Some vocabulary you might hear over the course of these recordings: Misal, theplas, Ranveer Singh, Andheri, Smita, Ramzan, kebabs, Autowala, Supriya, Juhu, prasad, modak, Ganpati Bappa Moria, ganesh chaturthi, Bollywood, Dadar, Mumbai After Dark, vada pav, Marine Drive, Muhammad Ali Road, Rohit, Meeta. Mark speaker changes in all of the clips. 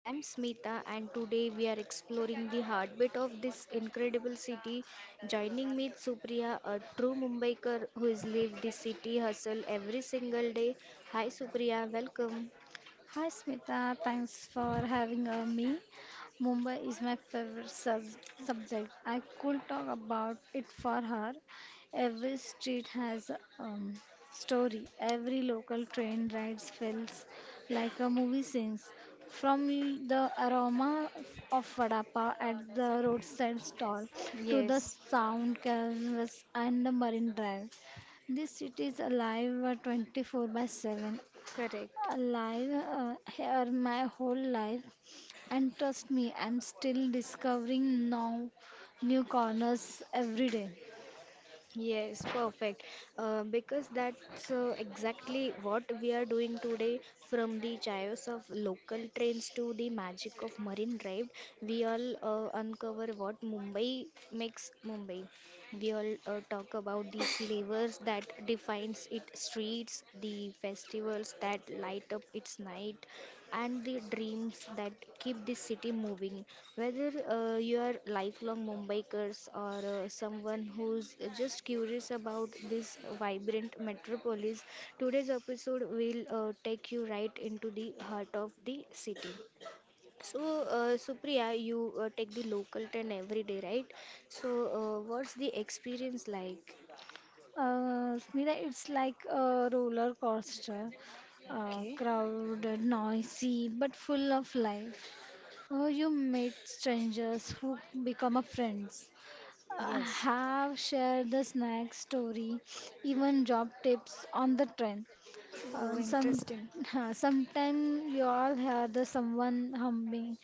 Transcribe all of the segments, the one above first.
Speaker 1: I am Smita and today we are exploring the heartbeat of this incredible city. Joining me is Supriya, a true Mumbaikar who has lived the city hustle every single day. Hi Supriya, welcome.
Speaker 2: Hi Smita, thanks for having me. Mumbai is my favorite subject. I could talk about it for her. Every street has a story. Every local train ride feels like a movie scene. From the aroma of vada pav at the roadside stall to the
Speaker 1: Yes,
Speaker 2: sound canvas and the marine drive. This city is alive 24 by 7,
Speaker 1: correct.
Speaker 2: alive here my whole life, and trust me I'm still discovering now new corners every day.
Speaker 1: Yes, perfect. Because that's exactly what we are doing today. From the chaos of local trains to the magic of Marine Drive, we all uncover what Mumbai makes Mumbai. We all talk about the flavors that defines its streets, the festivals that light up its night, and the dreams that keep this city moving. Whether you are lifelong Mumbaikars or someone who's just curious about this vibrant metropolis, today's episode will take you right into the heart of the city. So, Supriya, you take the local train every day, right? So, what's the experience like?
Speaker 2: Smita, it's like a roller coaster,
Speaker 1: Okay.
Speaker 2: crowded, noisy, but full of life. Oh, you meet strangers who become a friends.
Speaker 1: Yes.
Speaker 2: Have shared the snack story, even job tips on the train.
Speaker 1: Oh,
Speaker 2: Some
Speaker 1: interesting.
Speaker 2: sometime you all hear the someone humming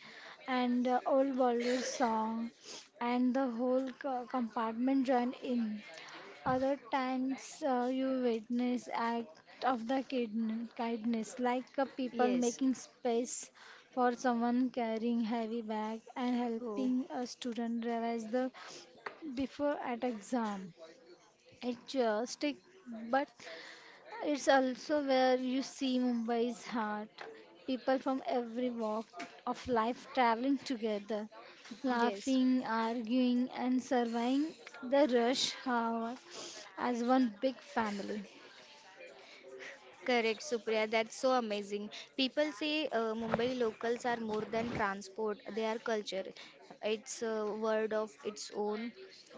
Speaker 2: and old Bollywood song, and the whole compartment join in. Other times you witness act of the kindness, like people
Speaker 1: Yes.
Speaker 2: making space for someone carrying heavy bag and
Speaker 1: Oh,
Speaker 2: helping a student revise the before at exam. It's strict, but it's also where you see Mumbai's heart. People from every walk of life traveling together,
Speaker 1: yes.
Speaker 2: laughing, arguing, and surviving the rush hour as one big family.
Speaker 1: Correct, Supriya. That's so amazing. People say Mumbai locals are more than transport, they are culture. It's a word of its own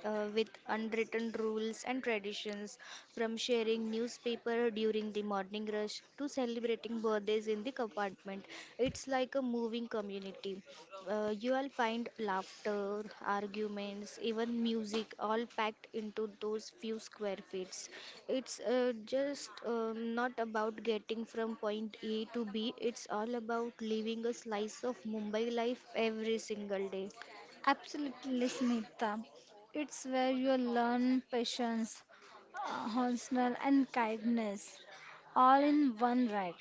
Speaker 1: with unwritten rules and traditions, from sharing newspaper during the morning rush to celebrating birthdays in the compartment. It's like a moving community. You will find laughter, arguments, even music, all packed into those few square feet. It's just not about getting from point A to B, it's all about living a slice of Mumbai life every single day.
Speaker 2: Absolutely, Smita. It's where you learn patience, honestness, and kindness all in one ride.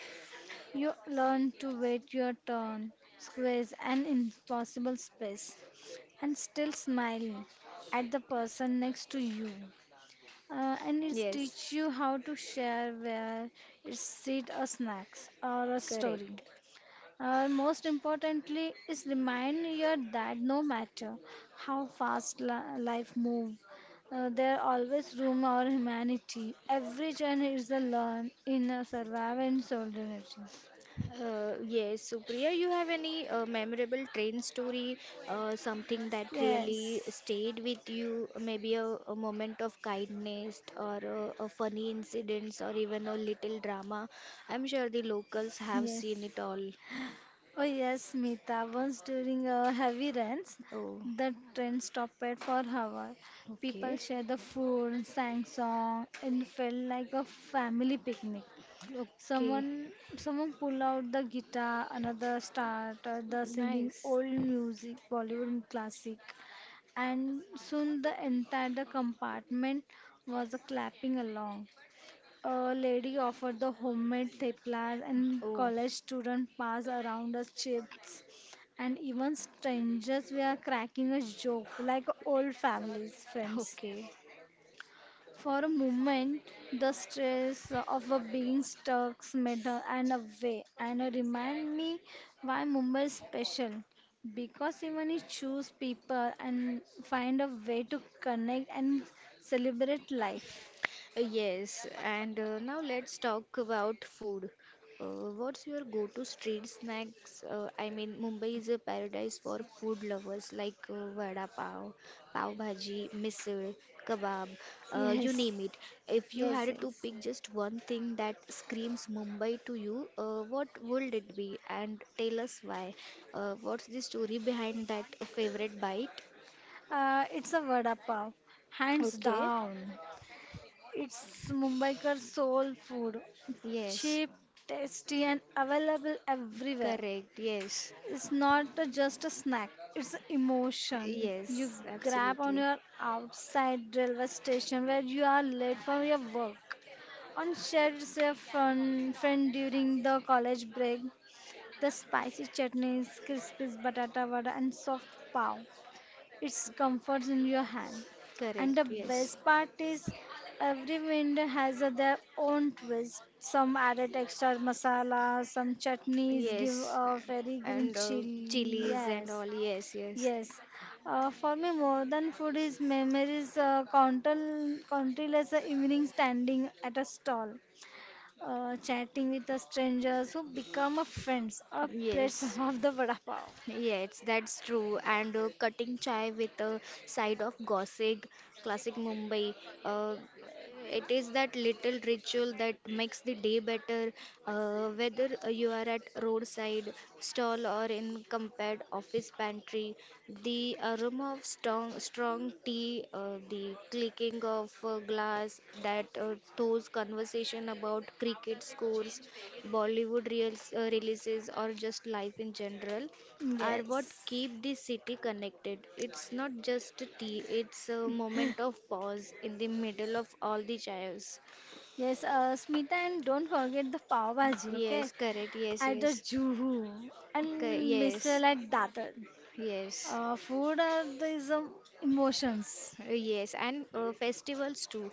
Speaker 2: You learn to wait your turn, squeeze an impossible space, and still smile at the person next to you. And it
Speaker 1: Yes,
Speaker 2: teach you how to share where it's seed a snacks or a story.
Speaker 1: correct.
Speaker 2: Most importantly is remind you that no matter how fast life move, there always room for humanity. Every journey is a learn in a survival and solidarity.
Speaker 1: Yes, Supriya, you have any memorable train story, something that really
Speaker 2: Yes,
Speaker 1: stayed with you, maybe a moment of kindness or a funny incidents or even a little drama? I'm sure the locals have
Speaker 2: yes.
Speaker 1: seen it all.
Speaker 2: Oh yes, Meeta. Once during heavy rains,
Speaker 1: Oh,
Speaker 2: the train stopped for hour. People
Speaker 1: okay.
Speaker 2: shared the food, sang song, and felt like a family picnic.
Speaker 1: Okay.
Speaker 2: Someone, someone pull out the guitar, another started the singing
Speaker 1: Nice.
Speaker 2: old music, Bollywood classic, and soon the entire compartment was clapping along. A lady offered the homemade theplas, and
Speaker 1: Oh,
Speaker 2: college students passed around us chips, and even strangers were cracking a joke like old families, friends.
Speaker 1: okay.
Speaker 2: For a moment, the stress of a being stuck made her and away, and remind me why Mumbai is special. Because even you choose people and find a way to connect and celebrate life.
Speaker 1: Yes, and now let's talk about food. What's your go-to street snacks? I mean, Mumbai is a paradise for food lovers like vada pav, pav bhaji, misal, kebab, you
Speaker 2: Yes,
Speaker 1: name it. If you
Speaker 2: yes,
Speaker 1: had to
Speaker 2: yes.
Speaker 1: pick just one thing that screams Mumbai to you, what would it be? And tell us why. What's the story behind that favorite bite?
Speaker 2: It's a vada pav, hands
Speaker 1: Okay.
Speaker 2: down. It's Mumbaikar soul food,
Speaker 1: Yes,
Speaker 2: cheap, tasty, and available everywhere.
Speaker 1: correct, yes.
Speaker 2: It's not a- just a snack; it's an emotion you
Speaker 1: Yes,
Speaker 2: grab on
Speaker 1: absolutely.
Speaker 2: your outside railway station where you are late for your work. On shared with your friend during the college break, the spicy chutneys, crispy batata vada, and soft pav, it's comforts in your hand. And the
Speaker 1: Correct. Yes.
Speaker 2: best part is every vendor has a their own twist. Some added extra masala, some chutneys give
Speaker 1: Yes.
Speaker 2: a very green
Speaker 1: And
Speaker 2: chili.
Speaker 1: chilies and
Speaker 2: Yes.
Speaker 1: all. Yes, yes.
Speaker 2: Yes. For me, more than food is memories, countless evenings standing at a stall, chatting with the strangers who become a friends or plates
Speaker 1: Yes.
Speaker 2: of the vada pav.
Speaker 1: Yes, that's true. And cutting chai with a side of gossip, classic Mumbai. Uh, it is that little ritual that makes the day better, whether you are at roadside stall or in compared office pantry. The aroma of strong tea, the clicking of a glass, that those conversation about cricket scores, Bollywood reels, releases, or just life in general are what
Speaker 2: Yes.
Speaker 1: keep the city connected. It's not just a tea, it's a moment of pause in the middle of all the chaos.
Speaker 2: Yes, Smita, and don't forget the pav bhaji, okay?
Speaker 1: Yes, correct. Yes,
Speaker 2: At the
Speaker 1: yes.
Speaker 2: Juhu
Speaker 1: Co-
Speaker 2: and
Speaker 1: yes,
Speaker 2: Misal at Dadar.
Speaker 1: yes.
Speaker 2: Food are the some emotions.
Speaker 1: Yes, and festivals too.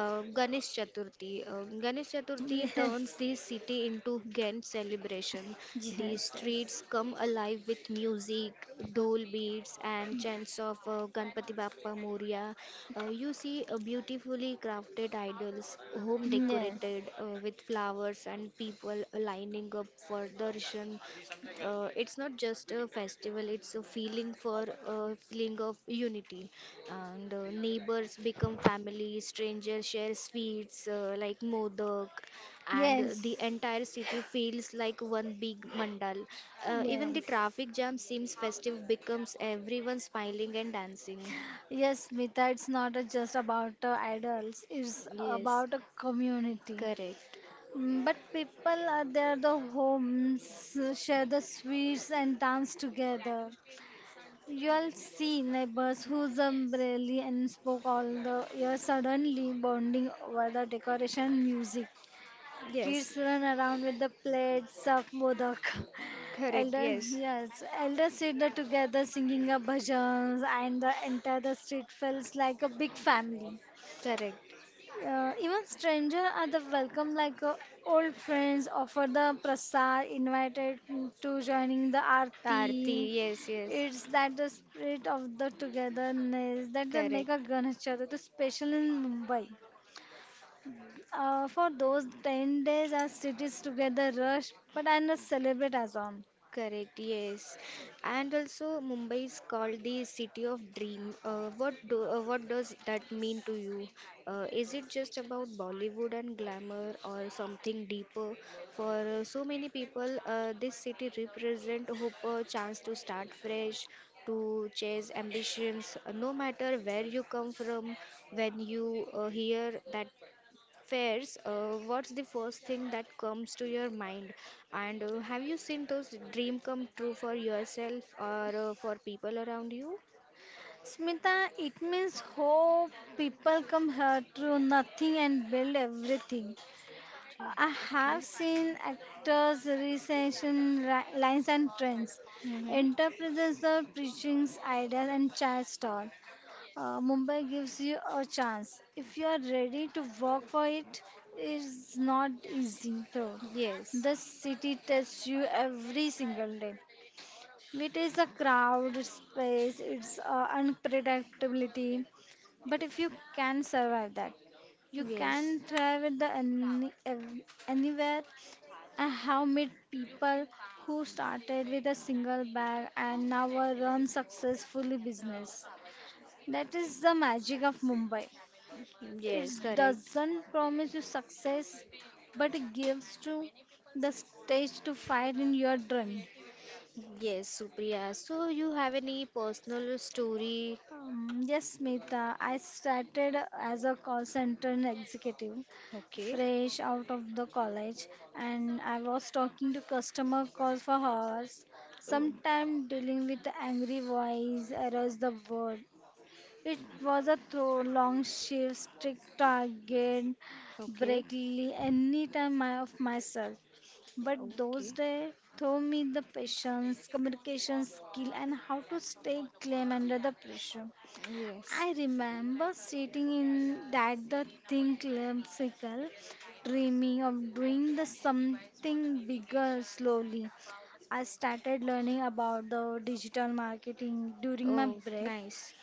Speaker 1: Ganesh Chaturthi. Ganesh Chaturthi turns
Speaker 2: Yes,
Speaker 1: the city into grand celebration. The
Speaker 2: yes, yes,
Speaker 1: streets come alive with music, dole beats, and chants of Ganpati Bappa Moria. You see beautifully crafted idols, home
Speaker 2: yes,
Speaker 1: decorated with flowers, and people lining up for darshan. It's not just a festival, it's a feeling of unity, and neighbors become family, strangers share sweets like modak, and the
Speaker 2: yes,
Speaker 1: entire city feels like one big mandal. Even the
Speaker 2: yes.
Speaker 1: traffic jam seems festive, becomes everyone smiling and dancing.
Speaker 2: Yes, Smita, it's not just about idols, it's
Speaker 1: Yes.
Speaker 2: about a community.
Speaker 1: Correct.
Speaker 2: Mm, but people are there, the homes, share the sweets and dance together. You'll see neighbors whose umbrella and spoke all the year suddenly bonding over the decoration music.
Speaker 1: Yes.
Speaker 2: Kids run around with the plates of modak.
Speaker 1: Correct.
Speaker 2: Elders,
Speaker 1: Yes.
Speaker 2: yes, elders sit there together singing a bhajans, and the entire the street feels like a big family.
Speaker 1: Correct.
Speaker 2: Even stranger are the welcome, like old friends offer the prasad, invited to joining the
Speaker 1: Aarti.
Speaker 2: aarti.
Speaker 1: Yes. Yes.
Speaker 2: It's that the spirit of the togetherness that the make a
Speaker 1: Correct.
Speaker 2: Ganesh Chaturthi special in Mumbai. For those 10 days our cities together rush but and celebrate as on.
Speaker 1: Correct, yes. And also, Mumbai is called the city of dream. What does that mean to you? Is it just about Bollywood and glamour, or something deeper? For so many people, this city represent hope, a chance to start fresh, to chase ambitions. No matter where you come from, when you hear that Fairs, what's the first thing that comes to your mind? And have you seen those dream come true for yourself or for people around you?
Speaker 2: Smita, it means hope. People come here through nothing and build everything.
Speaker 1: Yeah,
Speaker 2: I have
Speaker 1: okay.
Speaker 2: seen actors' recession lines and trends,
Speaker 1: Mm-hmm.
Speaker 2: interprets the preaching's ideas and chats stall. Mumbai gives you a chance. If you are ready to work for it, it's not easy though.
Speaker 1: Yes,
Speaker 2: The city tests you every single day. It is a crowded space, it's unpredictability, but if you can survive that, you
Speaker 1: yes,
Speaker 2: can thrive at anywhere. I have met people who started with a single bag and now run successfully business. That is the magic of Mumbai. It
Speaker 1: yes, correct.
Speaker 2: doesn't promise you success, but it gives you the stage to fight in your dream.
Speaker 1: Yes, Supriya. So you have any personal story?
Speaker 2: Yes, Smita. I started as a call center executive,
Speaker 1: Okay.
Speaker 2: fresh out of the college, and I was talking to customer calls for hours,
Speaker 1: Oh,
Speaker 2: sometimes dealing with angry voice, errors the word. It was a throw, long shift, strict target,
Speaker 1: okay.
Speaker 2: breakly, any of myself. But those
Speaker 1: Okay.
Speaker 2: days taught me the patience, communication skill, and how to stay calm under the pressure.
Speaker 1: Yes.
Speaker 2: I remember sitting in that the thing classical, dreaming of doing the something bigger slowly. I started learning about the digital marketing during my
Speaker 1: Oh,
Speaker 2: break.
Speaker 1: nice.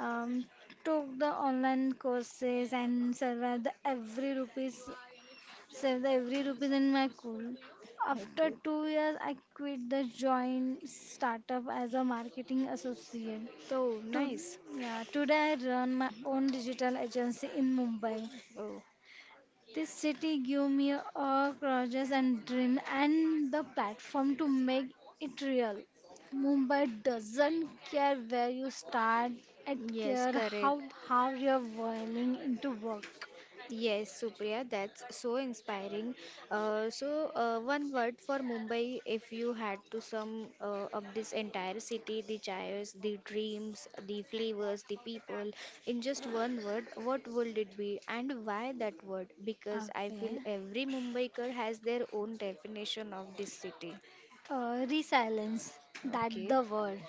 Speaker 2: Um, took the online courses and survived the every rupees saved every rupees in my cool. After
Speaker 1: Okay.
Speaker 2: 2 years, I quit the joint startup as a marketing associate.
Speaker 1: Oh,
Speaker 2: To,
Speaker 1: nice.
Speaker 2: yeah, today I run my own digital agency in Mumbai.
Speaker 1: Oh,
Speaker 2: This city gave me a gorgeous and dream and the platform to make it real. Mumbai doesn't care where you start, it
Speaker 1: yes,
Speaker 2: care how
Speaker 1: correct.
Speaker 2: how you're willing into work.
Speaker 1: Yes, Supriya, that's so inspiring. So, one word for Mumbai, if you had to sum up this entire city, the chairs, the dreams, the flavors, the people, in just one word, what would it be and why that word? Because I feel
Speaker 2: Okay.
Speaker 1: every Mumbaiker has their own definition of this city.
Speaker 2: Resilience, that
Speaker 1: Okay,
Speaker 2: the word.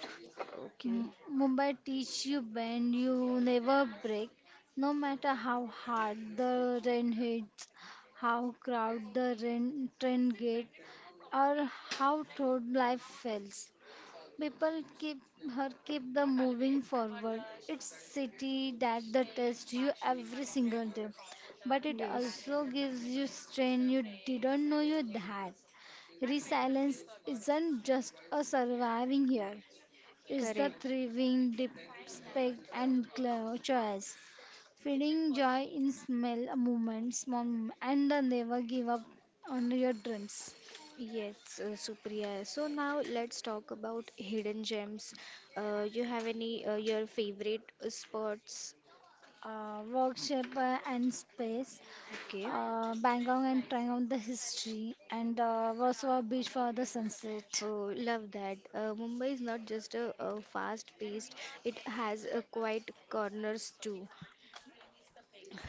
Speaker 1: okay.
Speaker 2: Mumbai teach you bend, you never break. No matter how hard the rain hits, how crowd the rain, train gate, or how toad life feels. People keep her keep the moving forward. It's city that the test you every single day, but it
Speaker 1: Yes,
Speaker 2: also gives you strength you didn't know you had. Resilience isn't just a surviving here; it's the
Speaker 1: correct.
Speaker 2: thriving, respect, and clear choice. Feeling joy in small moments, and the never give up on your dreams.
Speaker 1: Yes, Supriya. So now let's talk about hidden gems. You have any your favorite spots?
Speaker 2: Workshop and space.
Speaker 1: Okay.
Speaker 2: Uh, Bangkok and trying out the history, and Warsaw Beach for the sunset.
Speaker 1: Oh, love that. Mumbai is not just a fast-paced; it has a quiet corners too.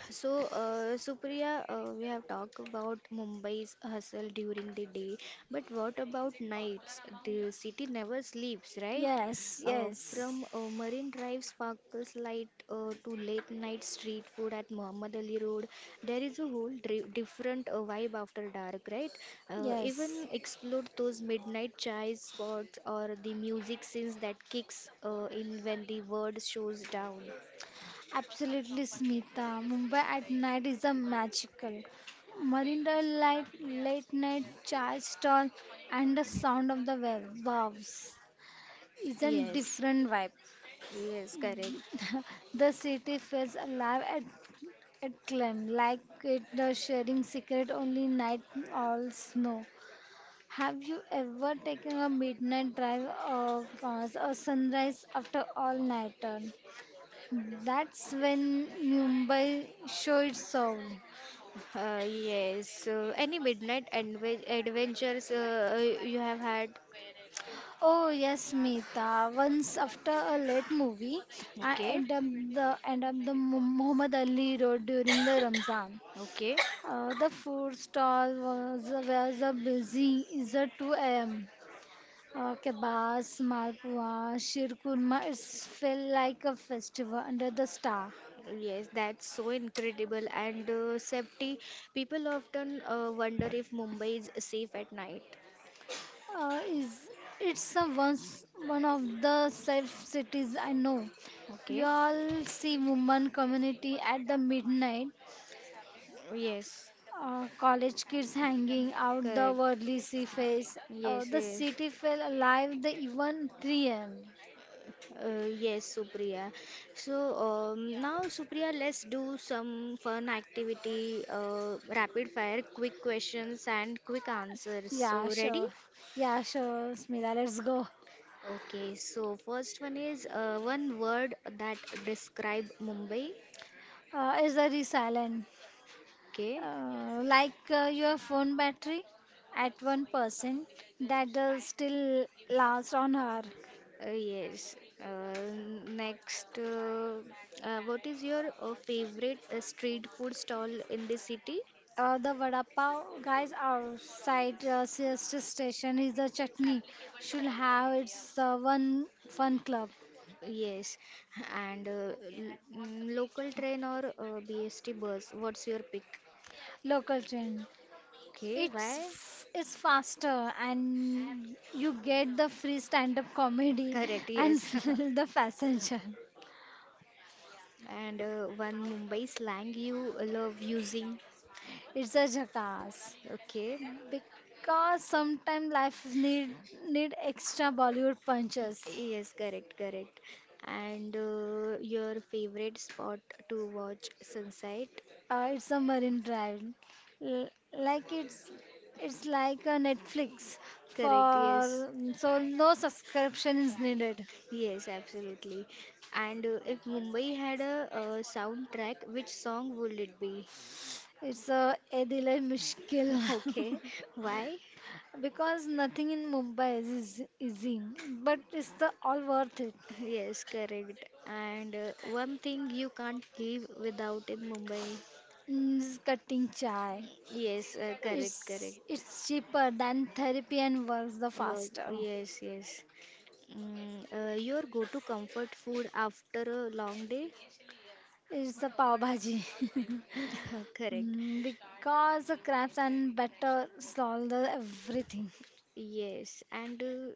Speaker 1: So, Supriya, we have talked about Mumbai's hustle during the day, but what about nights? The city never sleeps, right?
Speaker 2: Yes,
Speaker 1: Uh,
Speaker 2: yes,
Speaker 1: from uh, Marine Drive sparkles light to late night street food at Muhammad Ali Road, there is a whole dri different vibe after dark, right?
Speaker 2: yes.
Speaker 1: Even explore those midnight chai spots or the music scenes that kicks in when the world shows down.
Speaker 2: Absolutely, Smita. Mumbai at night is a magical. Marina light, late night chai stall, and the sound of the waves is a
Speaker 1: Yes,
Speaker 2: different vibe.
Speaker 1: yes, correct.
Speaker 2: the city feels alive at climb like it the sharing secret only night all snow. Have you ever taken a midnight drive or pause or sunrise after all nighter? That's when Mumbai showed its soul.
Speaker 1: Yes. Any midnight adventures you have had?
Speaker 2: Oh yes, Meeta. Once after a late movie, I
Speaker 1: Okay.
Speaker 2: end up the Muhammad Ali Road during the Ramzan.
Speaker 1: Okay.
Speaker 2: The food stall was a busy. Is a 2 a.m. Kebabs, malpua, shirkurma. It felt like a festival under the star.
Speaker 1: Yes, that's so incredible. And safety, people often wonder if Mumbai is safe at night.
Speaker 2: Is it's a once one of the safe cities I know. You
Speaker 1: Okay.
Speaker 2: all see women community at the midnight,
Speaker 1: Yes.
Speaker 2: college kids hanging out the
Speaker 1: Correct.
Speaker 2: worldly sea face.
Speaker 1: Yes,
Speaker 2: The
Speaker 1: yes.
Speaker 2: city fell alive the even 3 a.m.
Speaker 1: Yes, Supriya. So now, Supriya, let's do some fun activity, rapid fire, quick questions and quick answers.
Speaker 2: Yeah,
Speaker 1: So, ready?
Speaker 2: sure. Yeah, sure, Smita, let's go.
Speaker 1: Okay, so first one is one word that describe Mumbai.
Speaker 2: Is very silent.
Speaker 1: Okay,
Speaker 2: Like your phone battery at 1%, that still lasts on her.
Speaker 1: uh, yes. Uh, next, what is your favorite street food stall in the city?
Speaker 2: The vada pav guys outside sister station is the chutney. Should have its one fun club
Speaker 1: Yes, and local train or BST bus? What's your pick?
Speaker 2: local trend.
Speaker 1: Okay, why?
Speaker 2: It's faster and you get the free stand up comedy
Speaker 1: Correct,
Speaker 2: and
Speaker 1: yes.
Speaker 2: the passenger.
Speaker 1: And one Mumbai slang you love using.
Speaker 2: It's a jackass
Speaker 1: Okay.
Speaker 2: because sometimes life need extra Bollywood punches.
Speaker 1: Yes, correct, correct. And your favorite spot to watch sunset?
Speaker 2: It's a marine drive. L- like it's like a Netflix
Speaker 1: Correct, yes.
Speaker 2: for so no subscription is needed.
Speaker 1: Yes, absolutely. And if Mumbai had a, soundtrack, which song would it be?
Speaker 2: It's a Edile Mishkil,
Speaker 1: Okay, why?
Speaker 2: because nothing in Mumbai is easy, but it's the all worth it.
Speaker 1: Yes, correct. And one thing you can't live without in Mumbai.
Speaker 2: Mm, it's cutting chai.
Speaker 1: Yes, correct, correct.
Speaker 2: It's cheaper than therapy and works the
Speaker 1: Work.
Speaker 2: faster.
Speaker 1: Yes, yes. Your go-to comfort food after a long day?
Speaker 2: Is the pav bhaji.
Speaker 1: Correct.
Speaker 2: Mm, because the crabs and butter solve the everything.
Speaker 1: Yes. And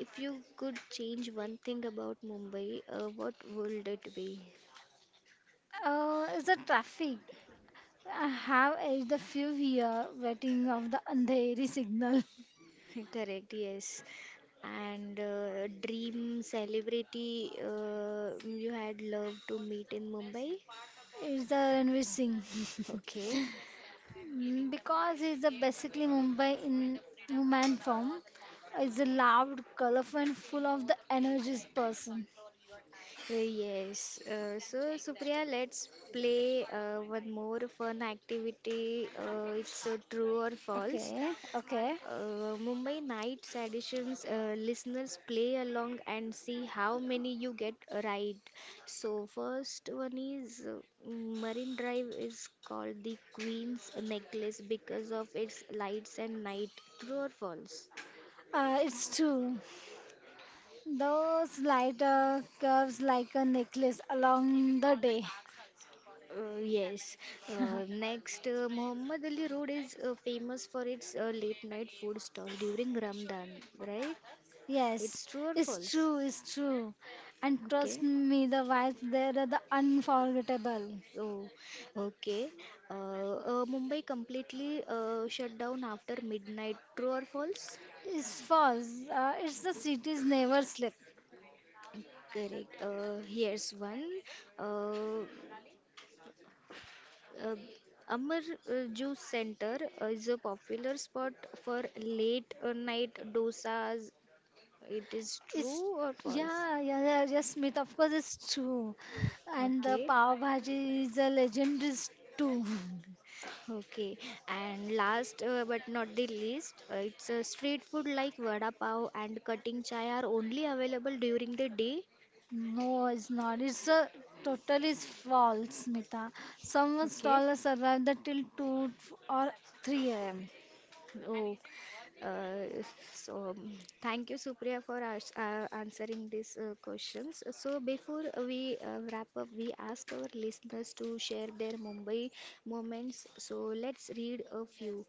Speaker 1: if you could change one thing about Mumbai, what would it be?
Speaker 2: Is the traffic. I have aged a few year waiting of the Andheri signal.
Speaker 1: Correct. Yes. And dream celebrity you had loved to meet in Mumbai?
Speaker 2: Is the Ranveer Singh.
Speaker 1: Okay.
Speaker 2: Mm, because he's the basically Mumbai in human form. Is a loud, colorful, and full of the energies person.
Speaker 1: Yes. So, Supriya, let's play one more fun activity. It's a true or false.
Speaker 2: Okay, okay.
Speaker 1: Mumbai Nights Editions listeners play along and see how many you get right. So first one is Marine Drive is called the Queen's Necklace because of its lights and night. True or false?
Speaker 2: It's true. Those lighter curves like a necklace along the day.
Speaker 1: Yes. Uh, next, uh, Muhammad Ali Road is famous for its late night food stall during Ramadan, right?
Speaker 2: Yes,
Speaker 1: It's true or
Speaker 2: it's
Speaker 1: false?
Speaker 2: true, it's true. And trust
Speaker 1: Okay.
Speaker 2: me, the vibes there are the unforgettable.
Speaker 1: Oh, okay. Uh, Mumbai completely shut down after midnight. True or false?
Speaker 2: It's false. It's the cities never sleep.
Speaker 1: Correct. Here's one. Uh, uh, Amar Juice Center is a popular spot for late night dosas. It is
Speaker 2: It's
Speaker 1: true or false?
Speaker 2: yeah, yes, Smith. Of course, it's true. And the
Speaker 1: Okay,
Speaker 2: pav bhaji is a legendary too.
Speaker 1: okay. And last but not the least, it's a street food like vada pav and cutting chai are only available during the day.
Speaker 2: No, it's not. It's a total is false, Smita. Someone
Speaker 1: Okay.
Speaker 2: stole a survived till 2 or 3 a.m.
Speaker 1: Oh, uh, so thank you, Supriya, for us, answering these questions. So before we wrap up, we ask our listeners to share their Mumbai moments. So let's read a few.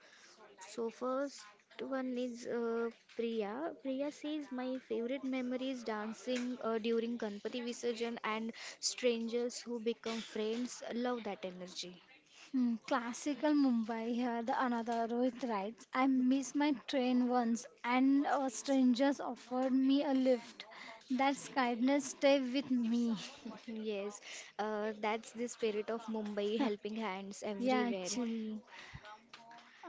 Speaker 1: So first one is Priya. Priya says my favorite memory is dancing during Ganpati Visarjan and strangers who become friends. Love that energy.
Speaker 2: Hmm, classical Mumbai here, the another Rohit writes, I missed my train once and a strangers offered me a lift. That's kindness stay with me.
Speaker 1: Yes, that's the spirit of Mumbai, helping hands
Speaker 2: yeah,
Speaker 1: everywhere.
Speaker 2: actually.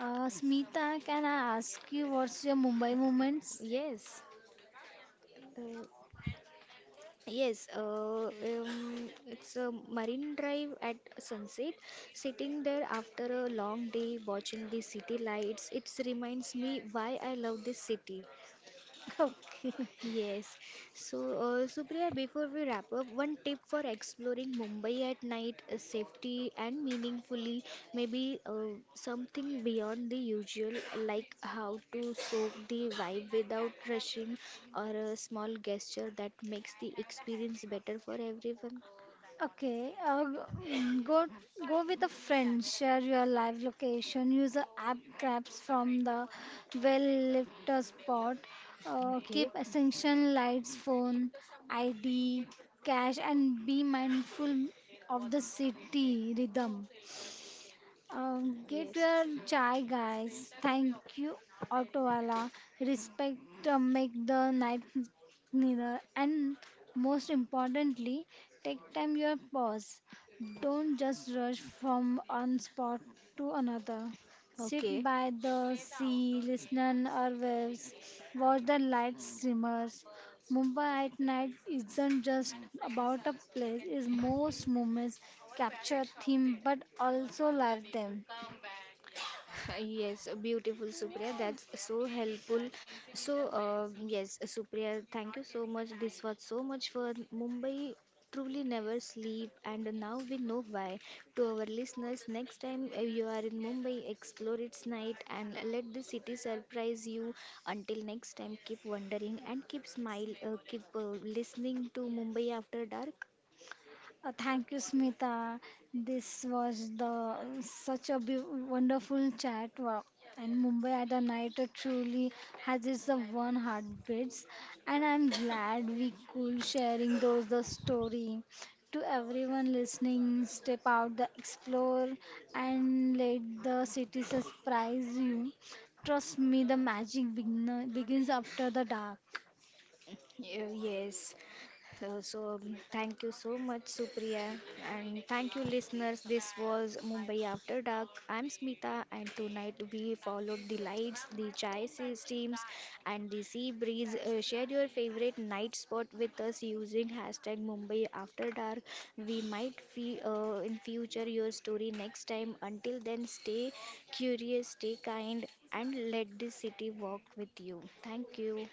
Speaker 2: Smita, can I ask you what's your Mumbai moments?
Speaker 1: Yes, uh, yes, it's a marine drive at sunset. Sitting there after a long day, watching the city lights, it reminds me why I love this city.
Speaker 2: okay.
Speaker 1: Yes. So, Supriya, before we wrap up, one tip for exploring Mumbai at night, safety and meaningfully, maybe something beyond the usual, like how to soak the vibe without rushing, or a small gesture that makes the experience better for everyone.
Speaker 2: Okay, g- go go with a friend. Share your live location. Use a app grabs from the well-lit spot. Keep
Speaker 1: Okay.
Speaker 2: essential lights, phone, ID, cash, and be mindful of the city rhythm. Get
Speaker 1: Yes.
Speaker 2: your chai, guys. Thank you, Autowala. Respect, make the night nearer. And most importantly, take time your pause. Don't just rush from one spot to another. Sit
Speaker 1: Okay.
Speaker 2: by the sea, listen or waves, watch the lights shimmer. Mumbai at night isn't just about a place, it's most moments capture theme but also live them.
Speaker 1: Yes, beautiful Supriya. That's so helpful. So, yes, Supriya, thank you so much. This was so much fun. Mumbai truly never sleep, and now we know why. To our listeners, next time you are in Mumbai, explore its night and let the city surprise you. Until next time, keep wondering and keep smile, keep listening to Mumbai After Dark.
Speaker 2: Thank you, Smita. This was the such a wonderful chat. Wow. And Mumbai at the night truly has its the one heartbeats. And I'm glad we could sharing those the story. To everyone listening, step out, the explore, and let the city surprise you. Trust me, the magic begins after the dark.
Speaker 1: Yes. So, thank you so much, Supriya, and thank you, listeners. This was Mumbai After Dark. I'm Smita, and tonight we followed the lights, the chai steams, and the sea breeze. Share your favorite night spot with us using hashtag Mumbai After Dark. We might feel in future your story next time. Until then, stay curious, stay kind, and let the city walk with you. Thank you.